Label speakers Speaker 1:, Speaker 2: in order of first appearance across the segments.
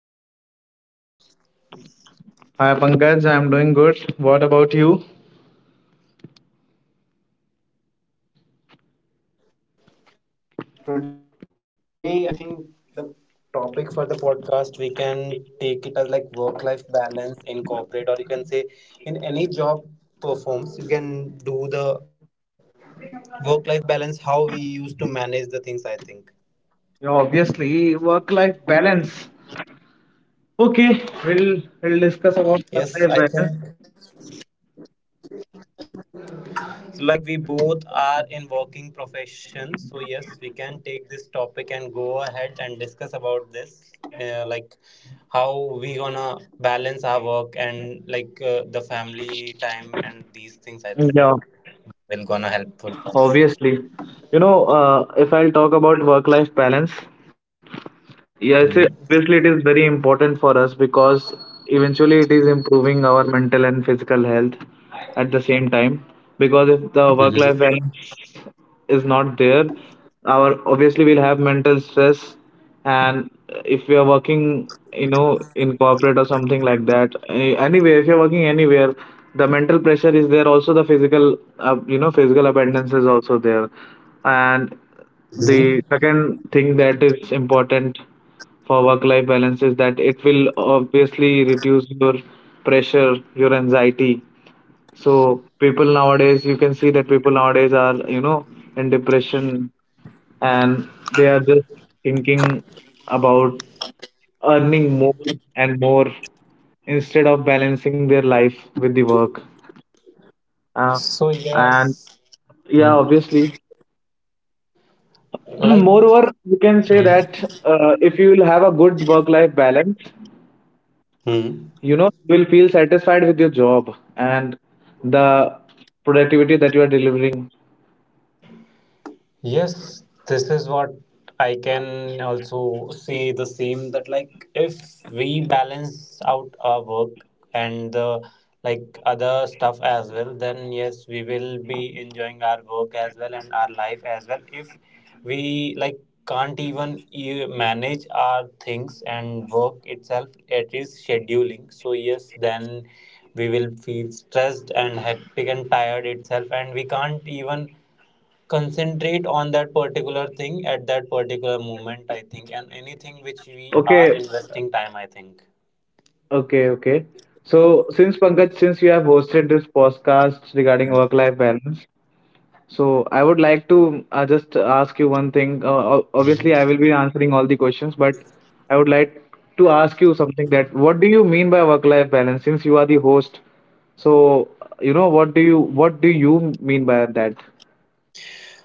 Speaker 1: Hello, Harsh. Welcome to the podcast. How are you?
Speaker 2: Hi Pankaj, I'm doing good. What about you?
Speaker 1: So, today I think the topic for the podcast we can take it as like work life balance in corporate, or you can say in any job performs, you can do the work life balance how we used to manage the things. I think,
Speaker 2: Yeah, obviously work-life balance. Okay, we'll discuss about
Speaker 1: yes, I
Speaker 2: work-life
Speaker 1: think.
Speaker 2: balance.
Speaker 1: Like we both are in working profession, so yes we can take this topic and go ahead and discuss about this like how we gonna balance our work and like the family time and these things I
Speaker 2: Yeah,
Speaker 1: think will gonna helpful for
Speaker 2: obviously.
Speaker 1: us.
Speaker 2: If I'll talk about work-life balance, yes, obviously it is very
Speaker 1: Mhm.
Speaker 2: important for us because eventually it is improving our mental and physical health at the same time. Because if the work-life balance is
Speaker 1: Mhm.
Speaker 2: not there our obviously we'll have mental stress. And if we are working in corporate or something like that, anywhere if you're working anywhere, the mental pressure is there, also the physical physical abundance is also there. And the second thing that is important for work life balance is that it will obviously reduce your pressure, your anxiety. So people nowadays, you can see that people nowadays are, in depression, and they are just thinking about earning more and more instead of balancing their life with the work. Uh,
Speaker 1: So yes.
Speaker 2: and yeah,
Speaker 1: Mm.
Speaker 2: obviously.
Speaker 1: Like.
Speaker 2: Moreover, you can say
Speaker 1: Mhm.
Speaker 2: that if you will have a good work-life balance,
Speaker 1: Mhm.
Speaker 2: you will feel satisfied with your job and the productivity that you are delivering.
Speaker 1: Yes, this is what I can also say the same that like if we balance out our work and the like other stuff as well, then yes, we will be enjoying our work as well and our life as well. If we like can't even manage our things and work itself, it is scheduling. So yes, then we will feel stressed and hectic and tired itself, and we can't even concentrate on that particular thing at that particular moment I think and anything which we are
Speaker 2: Okay,
Speaker 1: investing time I think.
Speaker 2: okay, okay. So, since Pankaj, since you have hosted this podcast regarding work-life balance, so I would like to just ask you one thing. Obviously, I will be answering all the questions, but I would like to ask you something, that what do you mean by work-life balance? Since you are the host, so what do you mean by that?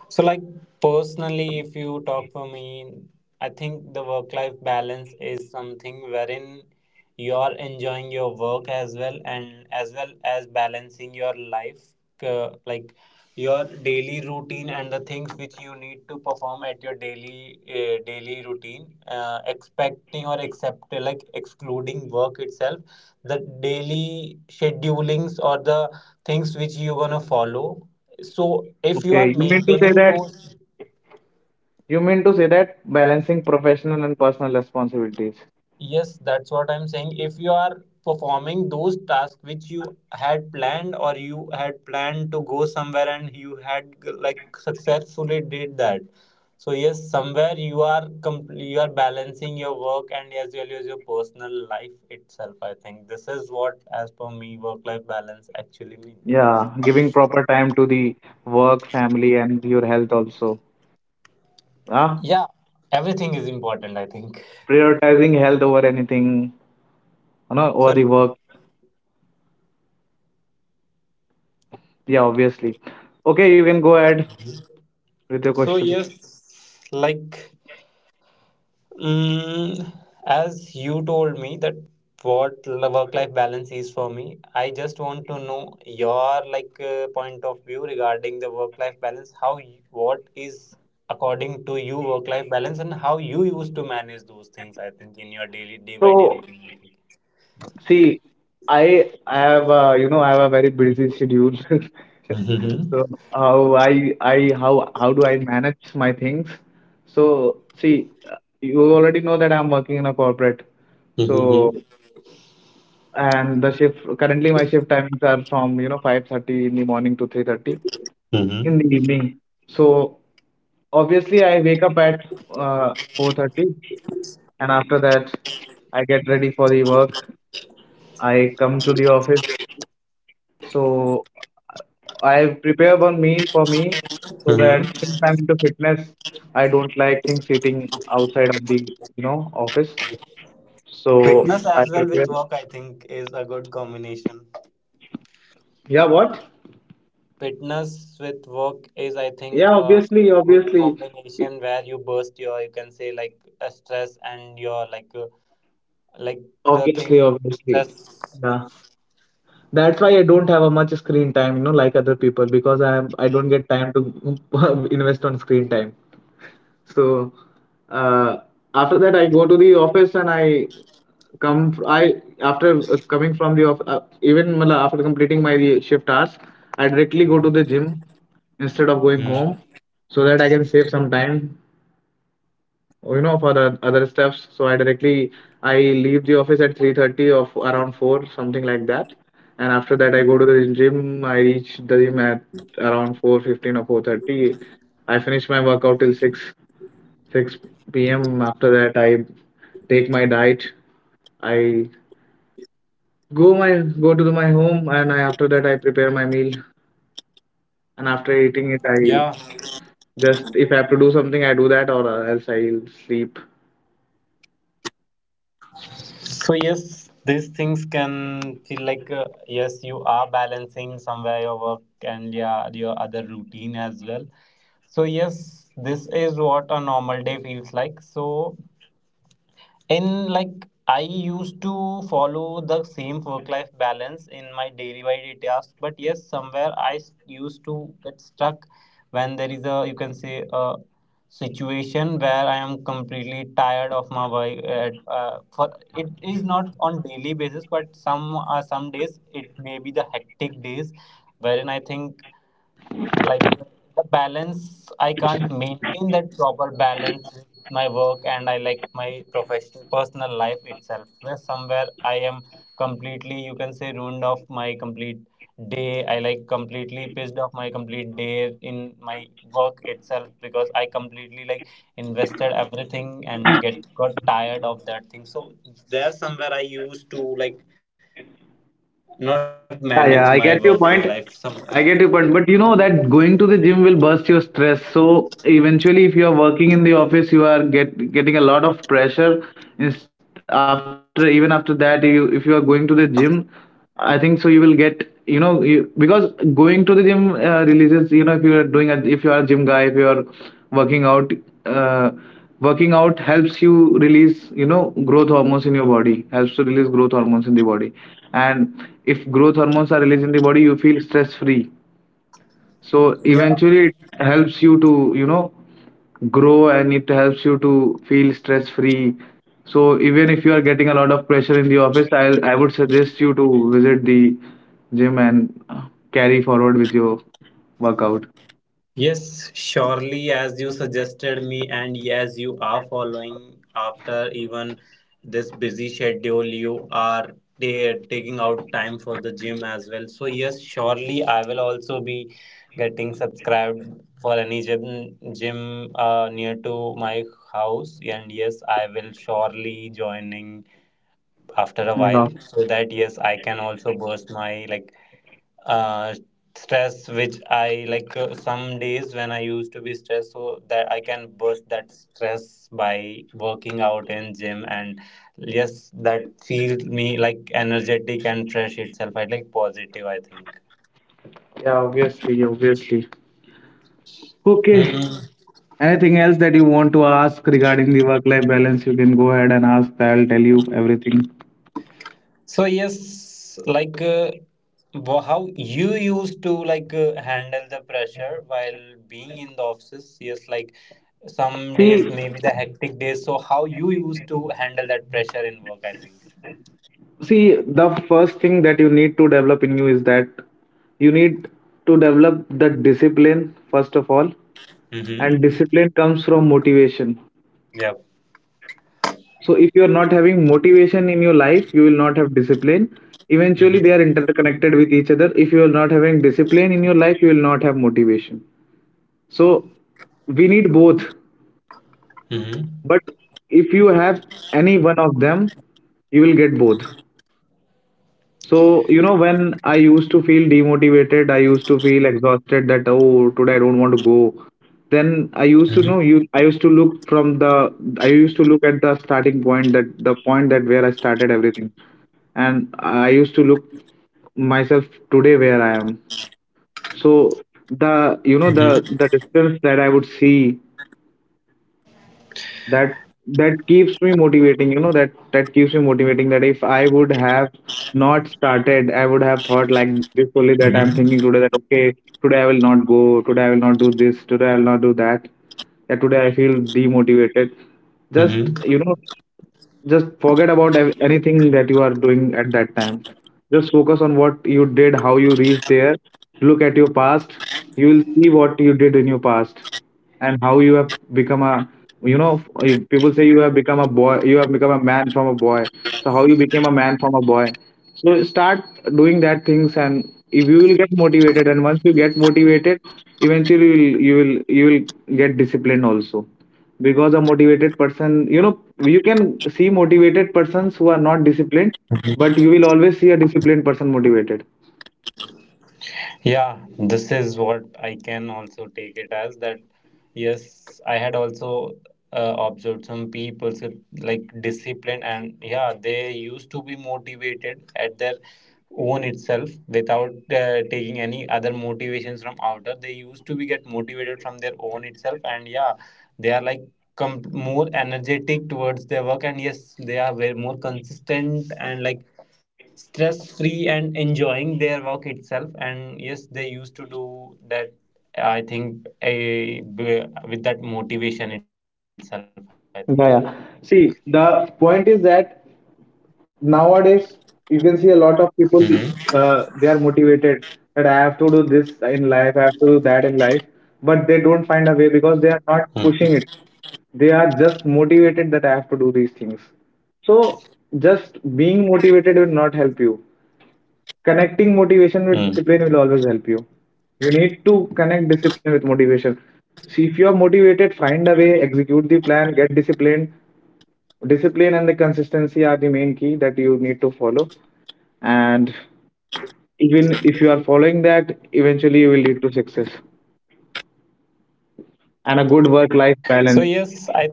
Speaker 1: So, like personally, if you talk for me, I think the work life balance is something wherein you are enjoying your work as well and as well as balancing your life, like your daily routine and the things which you need to perform at your daily daily routine, expecting or accept like excluding work itself, the daily schedulings or the things which you're gonna follow, so if you are
Speaker 2: Okay,
Speaker 1: maintaining those,
Speaker 2: you mean to say that balancing professional and personal responsibilities.
Speaker 1: yes, that's what I'm saying. If you are performing those tasks which you had planned or you had planned to go somewhere and you had like successfully did that. So yes, somewhere you are you are balancing your work and as well as your personal life itself. I think this is what, as per me, work life balance actually means.
Speaker 2: Yeah, giving proper time to the work, family, and your health also. Ah,
Speaker 1: Yeah, everything is important. I think.
Speaker 2: Prioritizing health over anything, over the
Speaker 1: Sorry.
Speaker 2: work. Yeah, obviously. Okay, you can go ahead with your
Speaker 1: So
Speaker 2: questions.
Speaker 1: yes, like, Mm, as you told me that what work-life balance is for me, I just want to know your like point of view regarding the work-life balance. How you, what is according to you work-life balance and how you used to manage those things? I think in your daily day by day
Speaker 2: So,
Speaker 1: routine.
Speaker 2: see, I have I have a very busy schedule.
Speaker 1: Mm-hmm.
Speaker 2: So how do I manage my things? So see, you already know that I'm working in a corporate.
Speaker 1: Mm-hmm.
Speaker 2: So And the shift currently my shift timings are from, 5:30 in the morning to 3:30 in the
Speaker 1: Mm-hmm.
Speaker 2: evening. So obviously I wake up at 4:30, and after that I get ready for the work. I come to the office. So I prepare one meal for me, so that,
Speaker 1: Mm-hmm.
Speaker 2: since I'm into fitness, I don't like things sitting outside of the, office. So
Speaker 1: Fitness as
Speaker 2: I
Speaker 1: well with
Speaker 2: prepare.
Speaker 1: work, I think, is a good combination.
Speaker 2: Yeah, what?
Speaker 1: Fitness with work is, I think,
Speaker 2: Yeah,
Speaker 1: a
Speaker 2: obviously,
Speaker 1: good
Speaker 2: obviously.
Speaker 1: combination where you burst your, you can say, like a stress and your like the thing
Speaker 2: Obviously, obviously.
Speaker 1: stress.
Speaker 2: Yeah. That's why I don't have a much screen time, like other people, because I don't get time to invest on screen time. So, uh, after that I go to the office, and I, after coming from the office, after completing my shift hours, I directly
Speaker 1: Mhm.
Speaker 2: go to the gym instead of
Speaker 1: Mhm.
Speaker 2: going home, so that I can save some time, for the other stuffs. So I leave the office at 3:30 or around 4, something like that. And after that, I go to the gym. I reach the gym at around 4:15 or 4:30. I finish my workout till 6 p.m. After that, I take my diet. I go my Go to my home, and I after that I prepare my meal. And after eating it, I just if I have to do something, I do that, or else I'll sleep.
Speaker 1: So yes, these things can feel like yes, you are balancing somewhere your work and yeah, your other routine as well. So yes, this is what a normal day feels like. So in like I used to follow the same work life balance in my daily by day tasks, but yes somewhere used to get stuck when there is a you can say a I am completely tired of my work for it is not on daily basis but some days it may be the hectic days wherein I think like the balance I can't maintain that proper balance with my work and I like my professional personal life itself where somewhere I am completely you can say ruined of my complete day I like completely pissed off my complete day in my work itself because I completely like invested everything and get got tired of that thing so there somewhere I used to like not manage my work day
Speaker 2: Yeah,
Speaker 1: life
Speaker 2: yeah, I get
Speaker 1: somewhere.
Speaker 2: your point. I get your point. But you know that going to the gym will burst your stress. So eventually, if you are working in the office, you are getting a lot of pressure. Is After, even after that, you if you are going to the gym, I think so you will get, because going to the gym releases, if you are doing a if you are a gym guy, if you are working out, uh, working out helps you release, growth hormones in your body. Helps to release growth hormones in the body, and if growth hormones are released in the body, you feel stress free. So eventually it helps you to, grow, and it helps you to feel stress free. So even if you are getting a lot of pressure in the office, I would suggest you to visit the gym and carry forward with your workout.
Speaker 1: Yes, surely, as you suggested me, and yes, you are following after even this busy schedule, you are taking out time for the gym as well. So, yes, surely, I will also be getting subscribed for any gym, gym near to my house, and yes, I will surely joining after a while
Speaker 2: Yeah,
Speaker 1: so that yes, I can also burst my like uh, stress which I like some days when I used to be stressed so that I can burst that stress by working out in gym, and yes that feels me like energetic and fresh itself I like positive I think.
Speaker 2: yeah, obviously, obviously. Okay.
Speaker 1: Hmm.
Speaker 2: Anything else that you want to ask regarding the work-life balance, you can go ahead and ask. I'll tell you everything.
Speaker 1: So yes like how you used to like handle the pressure while being in the office, yes like some
Speaker 2: See,
Speaker 1: days maybe the hectic days so how you used to handle that pressure in work I think.
Speaker 2: see, the first thing that you need to develop in you is that you need to develop the discipline first of all,
Speaker 1: Mhm.
Speaker 2: and discipline comes from motivation.
Speaker 1: Yep.
Speaker 2: So if you are not having motivation in your life, you will not have discipline. Eventually, they
Speaker 1: Mhm.
Speaker 2: are interconnected with each other. If you are not having discipline in your life, you will not have motivation. So we need both,
Speaker 1: Mhm.
Speaker 2: but if you have any one of them, you will get both. So you know, when I used to feel demotivated, I used to feel exhausted, that oh, today I don't want to go, then
Speaker 1: Mhm.
Speaker 2: I used to look from the, I used to look at the starting point, that the point that where I started everything, and I used to look myself today, where I am. So the, you know, the distance that I would see, that that keeps me motivating, you know, that keeps me motivating, that if I would have not started, I would have thought like this only, that I'm thinking today,
Speaker 1: Mhm.
Speaker 2: that okay, today I will not go, today I will not do this, today I will not do that. Yeah, today I feel demotivated. Just,
Speaker 1: Mhm.
Speaker 2: you know, just forget about anything that you are doing at that time. Just focus on what you did, how you reached there. Look at your past. You will see what you did in your past, and how you have become a, you know, people say, you have become a boy, you have become a man from a boy. So how you became a man from a boy. So start doing that things, and if you will get motivated, and once you get motivated, eventually you will get disciplined also, because a motivated person, you know, you can see motivated persons who are not
Speaker 1: Mhm.
Speaker 2: disciplined, but you will always see a disciplined person motivated.
Speaker 1: Yeah, this is what I can also take it as that yes, I had also observed some people with, like discipline, and yeah, they used to be motivated at their own itself without taking any other motivations from outer. They used to be get motivated from their own itself and yeah, they are like com more energetic towards their work, and yes, they are very more consistent and like stress free and enjoying their work itself and yes they used to do that I think a, with that motivation itself I think like.
Speaker 2: Yeah, yeah. See, the point is that nowadays
Speaker 1: Mhm.
Speaker 2: you can see a lot of people, they are motivated, that I have to do this in life, I have to do that in life, but they don't find a way, because they are not pushing it. They are just motivated, that I have to do these things. So just being motivated will not help you. Connecting
Speaker 1: Mm.
Speaker 2: motivation with discipline will always help you. You need to connect discipline with motivation. See, if you are motivated, find a way, execute the plan, get disciplined. Discipline and the consistency are the main key that you need to follow. And even if you are following that, eventually you will lead to success
Speaker 1: So yes, I think la,
Speaker 2: and a
Speaker 1: the
Speaker 2: good work
Speaker 1: break.
Speaker 2: life balance.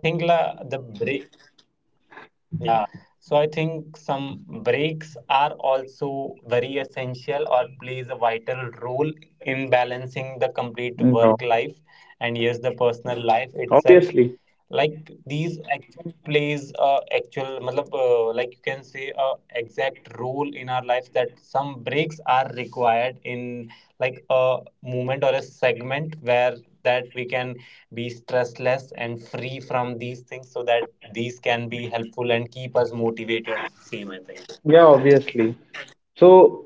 Speaker 1: Yeah. So I think some breaks are also very essential or plays a vital role in balancing the complete work life and yes, the
Speaker 2: No,
Speaker 1: personal life itself. Like these
Speaker 2: obviously.
Speaker 1: actually plays a actual matlab, like you can say a exact role in our lives that some breaks are required in like a moment or a segment where that we can be stressless and free from these things so that these can be helpful and keep us motivated same I think.
Speaker 2: Yeah, obviously. So,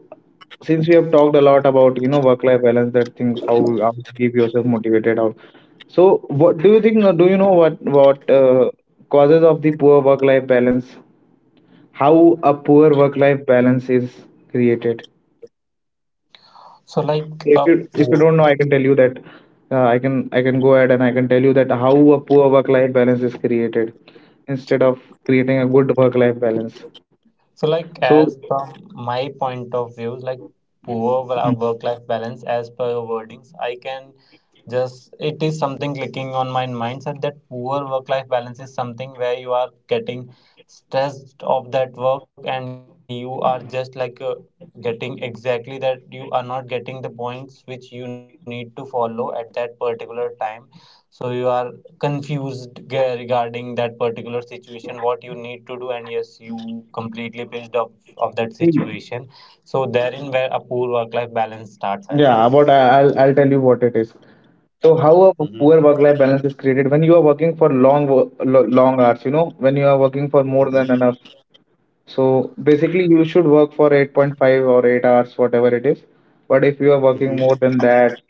Speaker 2: since we have talked a lot about, you know, work-life balance, that things, how to keep yourself motivated out. So, what do you think, or do you know what causes of the poor work-life balance? How a poor work-life balance is created?
Speaker 1: So like a.
Speaker 2: If you don't know, I can tell you that. I can go ahead and I can tell you that how a poor work-life balance is created instead of creating a good work-life balance.
Speaker 1: So, like,
Speaker 2: So,
Speaker 1: as from my point of view, like poor
Speaker 2: hmm.
Speaker 1: work life balance, as per your wordings, I can just, it is something clicking on my mindset that poor work life balance is something where you are getting stressed of that work and you are just like getting exactly that you are not getting the points which you need to follow at that particular time. So, you are confused regarding that particular situation, what you need to do, and yes, you completely pissed off of that situation so therein where a poor work life balance starts I think.
Speaker 2: Yeah, about I'll tell you what it is. So how a poor
Speaker 1: Mm-hmm.
Speaker 2: work-life balance is created, when you are working for long long hours, you know, when you are working for more than enough. So basically you should work for 8.5 or 8 hours, whatever it is. But if you are working more
Speaker 1: Mm-hmm.
Speaker 2: than that,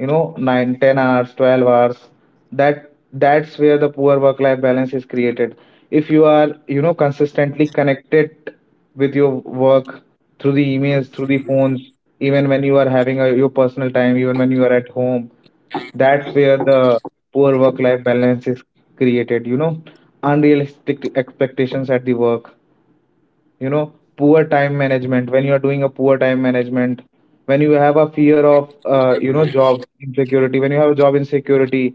Speaker 2: you know, 9, 10 hours, 12 hours, that's where the poor work life balance is created if you are, you know, consistently connected with your work through the emails, through the phones, even when you are having your personal time, even when you are at home. That's where the poor work life balance is created. You know, unrealistic expectations at the work, you know, poor time management, when you are doing a poor time management, when you have a fear of you know, job insecurity, when you have a job insecurity,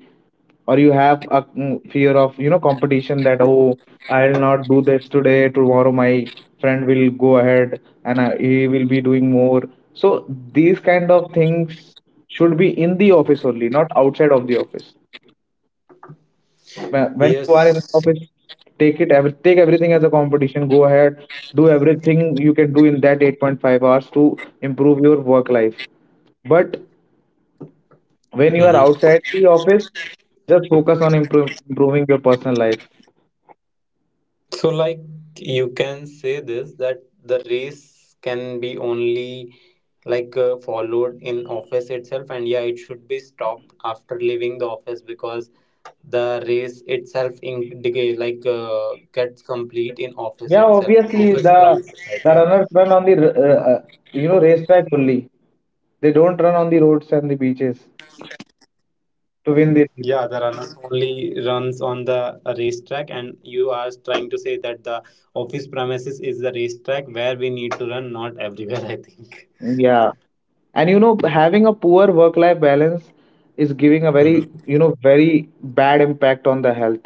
Speaker 2: or you have a fear of, you know, competition, that oh, I'll not do this today, tomorrow my friend will go ahead and he will be doing more. So these kind of things should be in the office only, not outside of the office. When you are in an
Speaker 1: Yes.
Speaker 2: office, take everything as a competition, go ahead, do everything you can do in that 8.5 hours to improve your work life. But when you are
Speaker 1: Mm-hmm.
Speaker 2: outside the office, just focus on improving your personal life.
Speaker 1: So, like, you can say this that the race can be only like followed in office itself, and yeah, it should be stopped after leaving the office because the race itself in decay like gets complete in office
Speaker 2: Yeah,
Speaker 1: itself, in
Speaker 2: obviously
Speaker 1: office premises. I
Speaker 2: the
Speaker 1: think.
Speaker 2: runners run on the you know, racetrack only. They don't run on the roads and the beaches to win the
Speaker 1: Yeah, the
Speaker 2: race.
Speaker 1: runner only runs on the racetrack, and you are trying to say that the office premises is the racetrack where we need to run, not everywhere, I think.
Speaker 2: Yeah. And you know, having a poor work-life balance is giving a very,
Speaker 1: Mhm.
Speaker 2: you know, very bad impact on the health.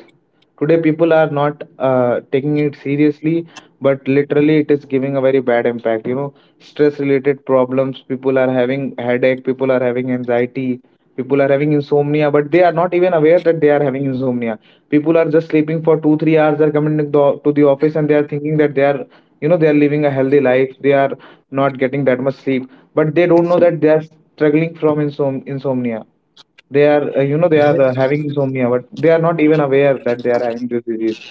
Speaker 2: Today, people are not taking it seriously, but literally, it is giving a very bad impact. You know, stress-related problems, people are having headache, people are having anxiety, people are having insomnia, but they are not even aware that they are having insomnia. People are just sleeping for 2 3 hours. They are coming to the office and they are thinking that they are, you know, they are living a healthy life, they are not getting that much sleep, but they don't know that they are struggling from insomnia. They are you know, they are
Speaker 1: Yes,
Speaker 2: having insomnia, but they are not even aware that they are having this disease.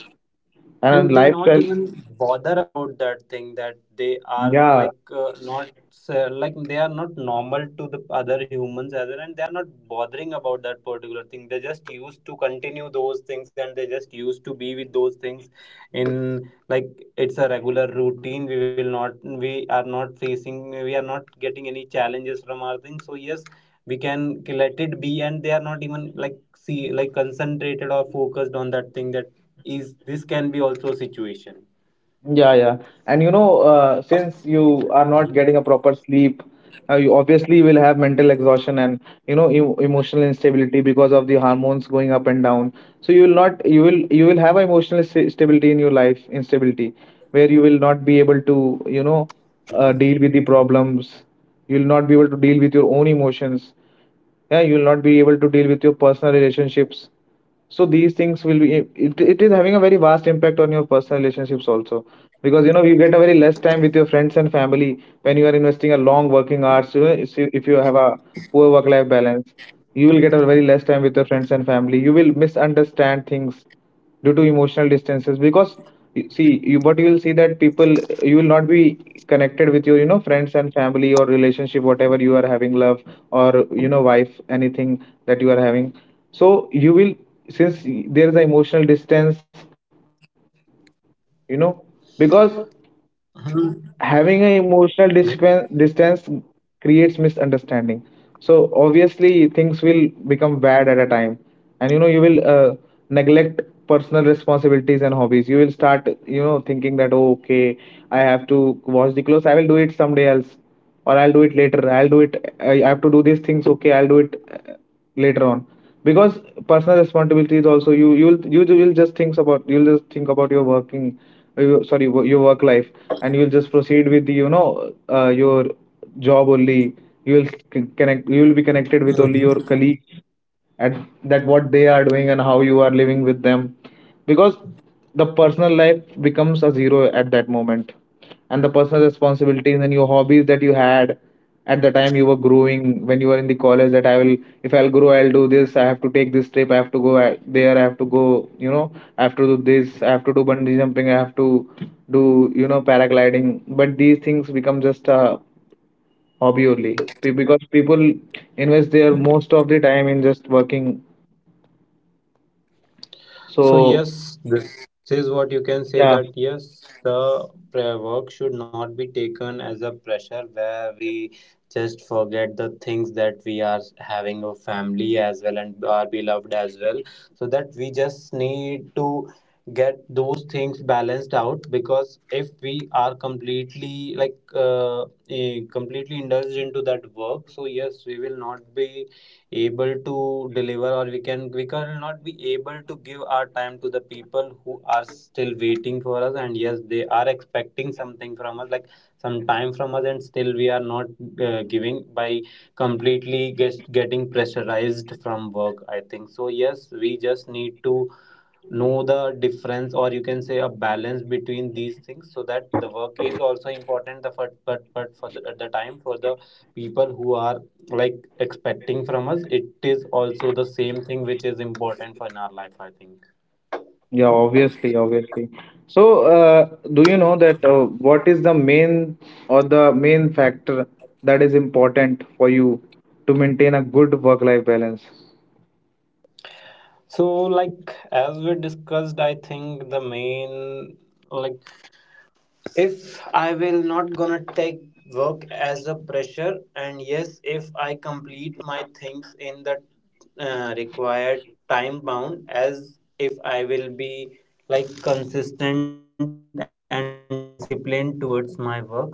Speaker 1: and
Speaker 2: And
Speaker 1: they not
Speaker 2: lifestyle,
Speaker 1: even bother about that thing that they are
Speaker 2: yeah.
Speaker 1: like not like they are not normal to the other humans as well and they are not bothering about that particular thing, they just used to continue those things and they just used to be with those things in like it's a regular routine, we will not we are not facing we are not getting any challenges from our thing so yes we can let it be and they are not even like see like concentrated or focused on that thing that is this can be also a situation.
Speaker 2: Yeah, yeah. And you know, since you are not getting a proper sleep, you obviously will have mental exhaustion and, you know, emotional instability because of the hormones going up and down. So you will not, you will have emotional sta stability in your life, instability, where you will not be able to, you know, deal with the problems. You will not be able to deal with your own emotions. Yeah, you will not be able to deal with your personal relationships. So these things will be it is having a very vast impact on your personal relationships also, because you know, you get a very less time with your friends and family when you are investing a long working hours. You know, if you have a poor work life balance, you will get a very less time with your friends and family. You will misunderstand things due to emotional distances, because you- see you but you will see that people, you will not be connected with your, you know, friends and family, or relationship, whatever you are having, love, or you know, wife, anything that you are having. So you will, since there is an emotional distance, you know, because having an
Speaker 1: Mhm.
Speaker 2: distance creates misunderstanding. So obviously things will become bad at a time. And you know, you will neglect personal responsibilities and hobbies. You will start, you know, thinking that oh, okay, I have to wash the clothes, I will do it someday else, or I'll do it later, I'll do it, I have to do these things, okay, I'll do it later on, because personal responsibilities also, you'll you will just think about, you'll just think about your working, your work life, and you'll just proceed with the, you know, your job only. You'll c- connect you'll be connected with only your
Speaker 1: Mhm.
Speaker 2: colleagues at that, what they are doing and how you are living with them, because the personal life becomes a zero at that moment. And the personal responsibilities and your hobbies that you had at the time you were growing, when you were in the college, that I will, if I'll grow, I'll do this, I have to take this trip, I have to go there, I have to go, you know, I have to do this, I have to do bungee jumping, I have to do, you know, paragliding. But these things become just a hobby only. Because people invest their most of the time in just working.
Speaker 1: So
Speaker 2: So
Speaker 1: yes, this is what you can
Speaker 2: yeah.
Speaker 1: say that yes, the prayer work should not be taken as a pressure where we just forget the things that we are having a family as well and our beloved as well. So that we just need to get those things balanced out because if we are completely completely indulged into that work. So yes, we will not be able to deliver, or we cannot be able to give our time to the people who are still waiting for us, and yes, they are expecting something from us, like some time from us, and still we are not giving by completely getting pressurized from work, I think. So yes, we just need to know the difference, or you can say a balance between these things, so that the work is also important, the but for the, at the time for the people who are like expecting from us, it is also the same thing which is important for in our life, I think.
Speaker 2: Yeah, obviously, obviously. So, do you know that what is the main or the main factor that is important for you to maintain a good work-life balance?
Speaker 1: So like as we discussed, I think the main, like if I will not gonna take work as a pressure, and yes, if I complete my things in the required time bound, as if I will be like consistent and disciplined towards my work, sir. So by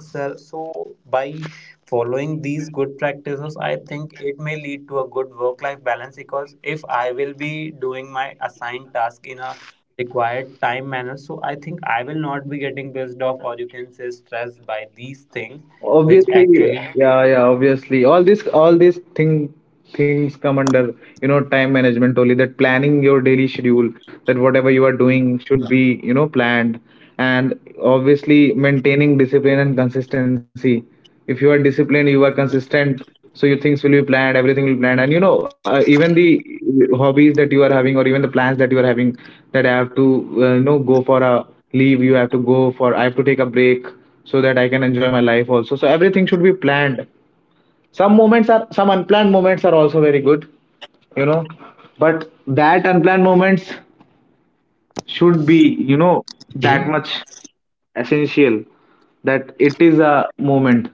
Speaker 1: following these good practices, I think it may lead to a good work life balance, because if I will be doing my assigned task in a required time manner, so I think I will not be getting pissed off, or you can say stressed by these things which actually.
Speaker 2: Obviously, yeah, yeah, obviously. All this, all these things come under, you know, time management only. That planning your daily schedule, that whatever you are doing should be, you know, planned. And obviously maintaining discipline and consistency. If you are disciplined, you are consistent, so your things will be planned, everything will be planned. And you know, even the hobbies that you are having or even the plans that you are having, that I have to, you know, go for a leave, you have to go for, I have to take a break so that I can enjoy my life also. So everything should be planned. Some moments are, some unplanned moments are also very good, you know. But that unplanned moments should be, you know, that
Speaker 1: Hmm.
Speaker 2: much essential, that it is a moment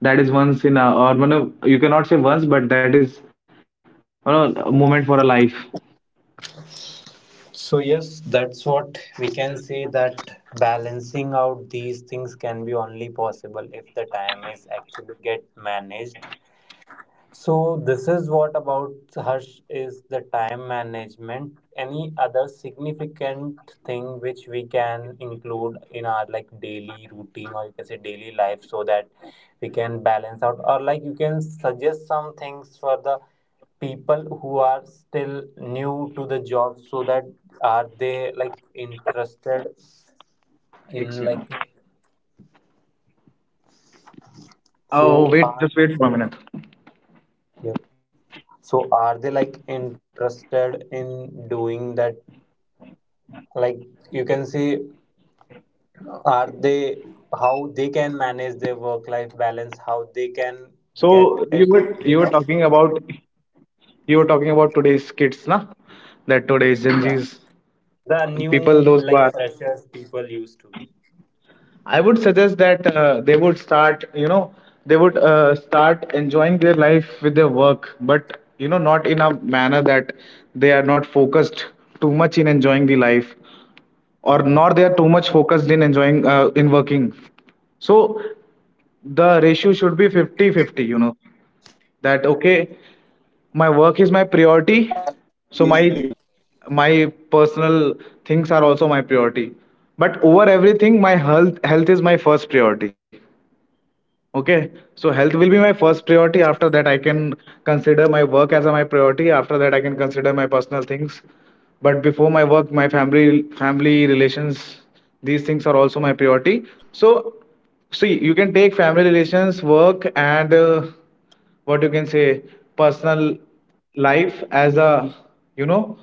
Speaker 2: that is once in a, or one of, you cannot say once, but that is, you know, a moment for a life.
Speaker 1: So yes, that's what we can say, that balancing out these things can be only possible if the time is actually get managed. So this is what about Harsh is the time management. Any other significant thing which we can include in our like daily routine, or you can say daily life, so that we can balance out, or like you can suggest some things for the people who are still new to the job, so that are they like interested in like,
Speaker 2: It's you know.
Speaker 1: so are,
Speaker 2: Oh wait, just wait for a minute.
Speaker 1: yeah. So are they like interested in doing that, like you can see, are they, how they can manage their work life balance, how they can
Speaker 2: So
Speaker 1: get it
Speaker 2: you were talking
Speaker 1: rid of,
Speaker 2: about, you were talking about today's kids, na? That today's Gen
Speaker 1: yeah,
Speaker 2: Zs,
Speaker 1: the new
Speaker 2: people those
Speaker 1: like
Speaker 2: who are,
Speaker 1: freshers people used to be.
Speaker 2: I would suggest that they would start, you know, they would start enjoying their life with their work, but you know, not in a manner that they are not focused too much in enjoying the life, or nor
Speaker 1: Mhm.
Speaker 2: they are too much focused in enjoying in working. So the ratio should be 50-50. You know, that okay,
Speaker 1: Or balanced
Speaker 2: my work
Speaker 1: ratio,
Speaker 2: is
Speaker 1: you
Speaker 2: my
Speaker 1: can.
Speaker 2: priority, so my personal things are also my priority, but over everything, my health, health is my first priority. Okay, so health will be my first priority. After that, I can consider my work as a my priority. After that, I can consider my personal things. But before my work, my family, family relations, these things are also my priority. So, see, you can take family relations, work, and, what you can say, personal
Speaker 1: Mhm.
Speaker 2: life as a, you know,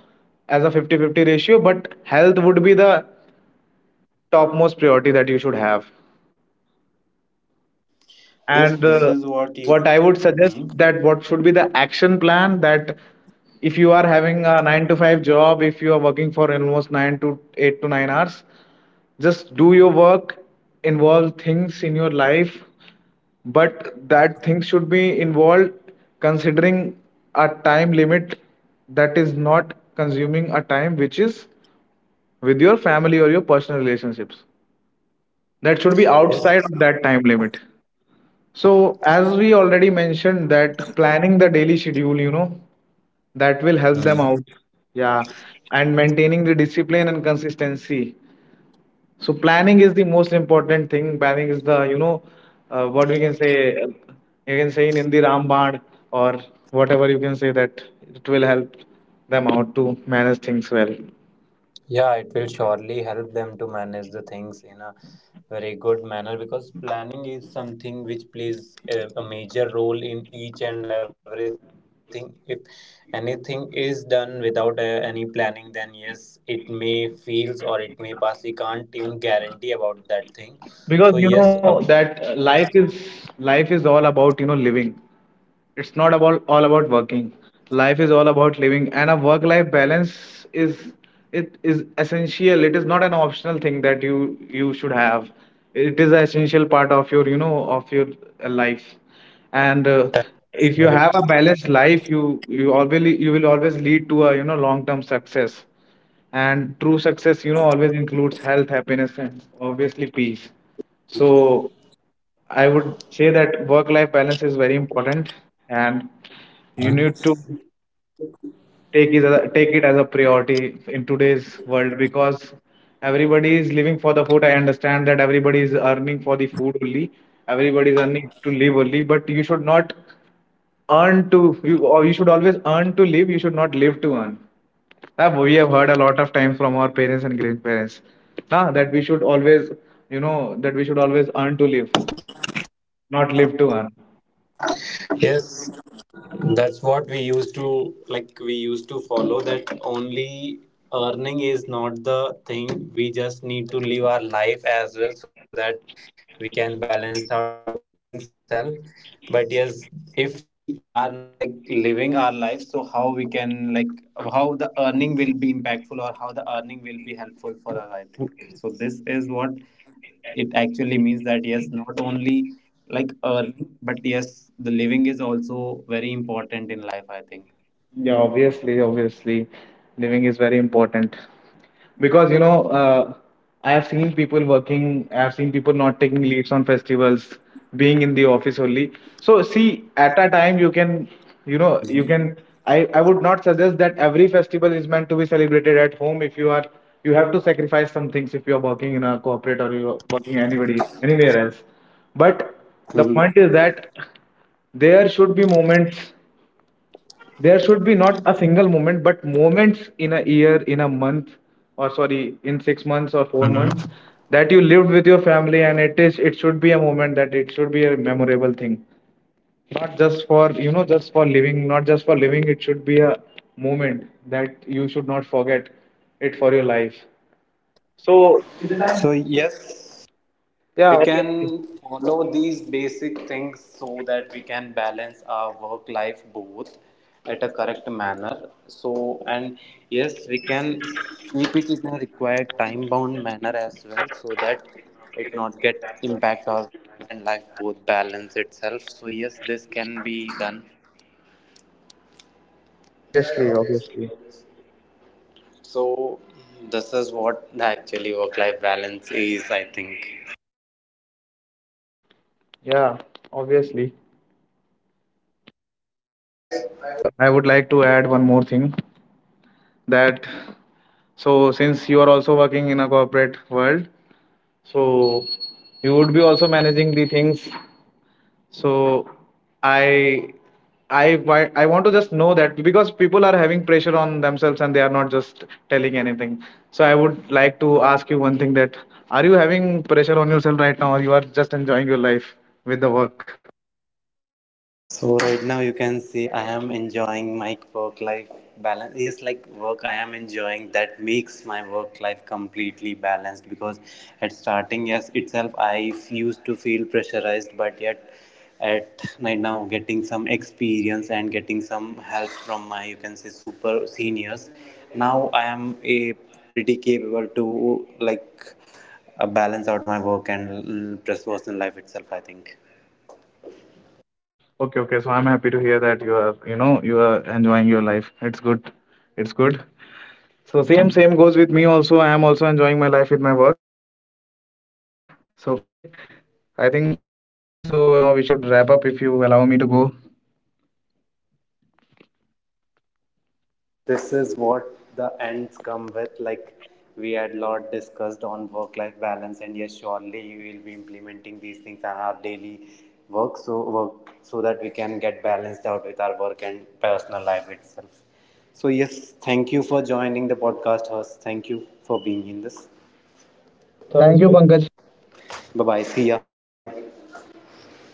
Speaker 2: as a 50-50 ratio. But health would be the topmost priority that you should have.
Speaker 1: Yes, this is
Speaker 2: And
Speaker 1: what you.
Speaker 2: what I would
Speaker 1: Mhm.
Speaker 2: suggest, that what should be the action plan, that if you are having a 9 to 5 job, if you are working for almost 9 to 8 to 9 hours, just do your work, involve things in your life, but that thing should be involved considering a time limit, that is not consuming a time which is with your family or your personal relationships. That should be
Speaker 1: Yes.
Speaker 2: outside of that time limit. So, as we already mentioned, that planning the daily schedule, you know, that will help them
Speaker 1: Mhm.
Speaker 2: out. Yeah. And maintaining the discipline and consistency. So, planning is the most important thing. Planning is the, you know, what we can say, you can say in Hindi Ramband, or whatever you can say, that it will help them out to manage things well.
Speaker 1: Yeah, it will surely help them to manage the things in a very good manner, because planning is something which plays a major role in each and everything. If anything is done without any planning, then yes, it may fails or it may pass. You can't even guarantee about that thing. So yes, a.
Speaker 2: Because, you know, that life is, life is all about, you know, living. It's not about, all about working. Life is all about living, and a work-life balance is, it is essential. It is not an optional thing that you should have. It is an essential part of your, you know, of your life, and if you
Speaker 1: Well,
Speaker 2: have a balanced life, you always you will always lead to a, you know, long-term success. And true success, you know, always includes health, happiness, and obviously peace. So I would say that work-life balance is very important, and
Speaker 1: huh?
Speaker 2: you need to take it as a priority in today's world, because everybody is living for the food. I understand that everybody is earning for the food only. Everybody is earning to live only, but you should not earn to you or you should always earn to live. You should not live to earn. We have heard a lot of times from our parents and grandparents now, that we should always, you know, that we should always earn to live, not live to earn.
Speaker 1: Yes, that's what we used to like. We used to follow that only. Earning is not the thing. We just need to live our life as well, so that we can balance out both things itself. But yes, if we are not like living our life, so how we can like, how the earning will be impactful, or how the earning will be helpful for us, I think. So this is what it actually means, that yes, not only like earning, but yes, the living is also very important in life, I think.
Speaker 2: Yeah, obviously, obviously, living is very important, because you know, I have seen people working, I have seen people not taking leaves on festivals, being in the office only. So, see, at a time, you can, you know, you can. I would not suggest that every festival is meant to be celebrated at home. If you are, you have to sacrifice some things if you are working in a corporate, or you are working anybody anywhere else. But the
Speaker 1: Mhm.
Speaker 2: point is that there should be moments, there should be not a single moment, but moments in a year, in a month, or sorry, in
Speaker 1: Hmm.
Speaker 2: 6 months or 4 months, that you lived with your family, and it is, it should be a moment, that it should be a memorable thing, not just for, you know, just for living, not just for living, it should be a moment that you should not forget it for your life. So
Speaker 1: So yes. We
Speaker 2: yeah,
Speaker 1: can
Speaker 2: obviously.
Speaker 1: follow these basic things so that we can balance our work life both at a correct manner, so, and yes, we can keep it in a required time bound manner as well, so that it not get impact our work and life both balance itself. So yes, this can be done.
Speaker 2: Yeah, yeah, obviously, obviously.
Speaker 1: So this is what the actually work life balance is, I think.
Speaker 2: Yeah, obviously, would, I would like to add one more thing, that, so since you are also working in a corporate world, so you would be also managing the things. So I I want to just know that, because people are having pressure on themselves and they are not just telling anything. So I would like to ask you one thing, that are you having pressure on yourself right now, or you are just enjoying your life with the work?
Speaker 1: So right now you can see I am enjoying my work life balance. Yes, like work I am enjoying, that makes my work life completely balanced, because at starting yes itself I used to feel pressurized, but yet at right now getting some experience and getting some help from my, you can say, super seniors, now I am a pretty capable to like balance out my work and personal life itself, I think.
Speaker 2: Okay, okay. So I'm happy to hear that you are, you know, you are enjoying your life. It's good. It's good. So same goes with me also. I am also enjoying my life with my work. So okay, I think so. Now we should wrap up if you allow me to go.
Speaker 1: So yes, this is what the ends come with. Like we had lot discussed on work-life balance, and yes, surely you will be implementing these things in our daily work, so that we can get balanced out with our work and personal life itself. So yes, thank you for joining the podcast, host. Thank you for being in this.
Speaker 2: Podcast, thank you, Pankaj.
Speaker 1: Bye bye. See ya.
Speaker 2: See ya.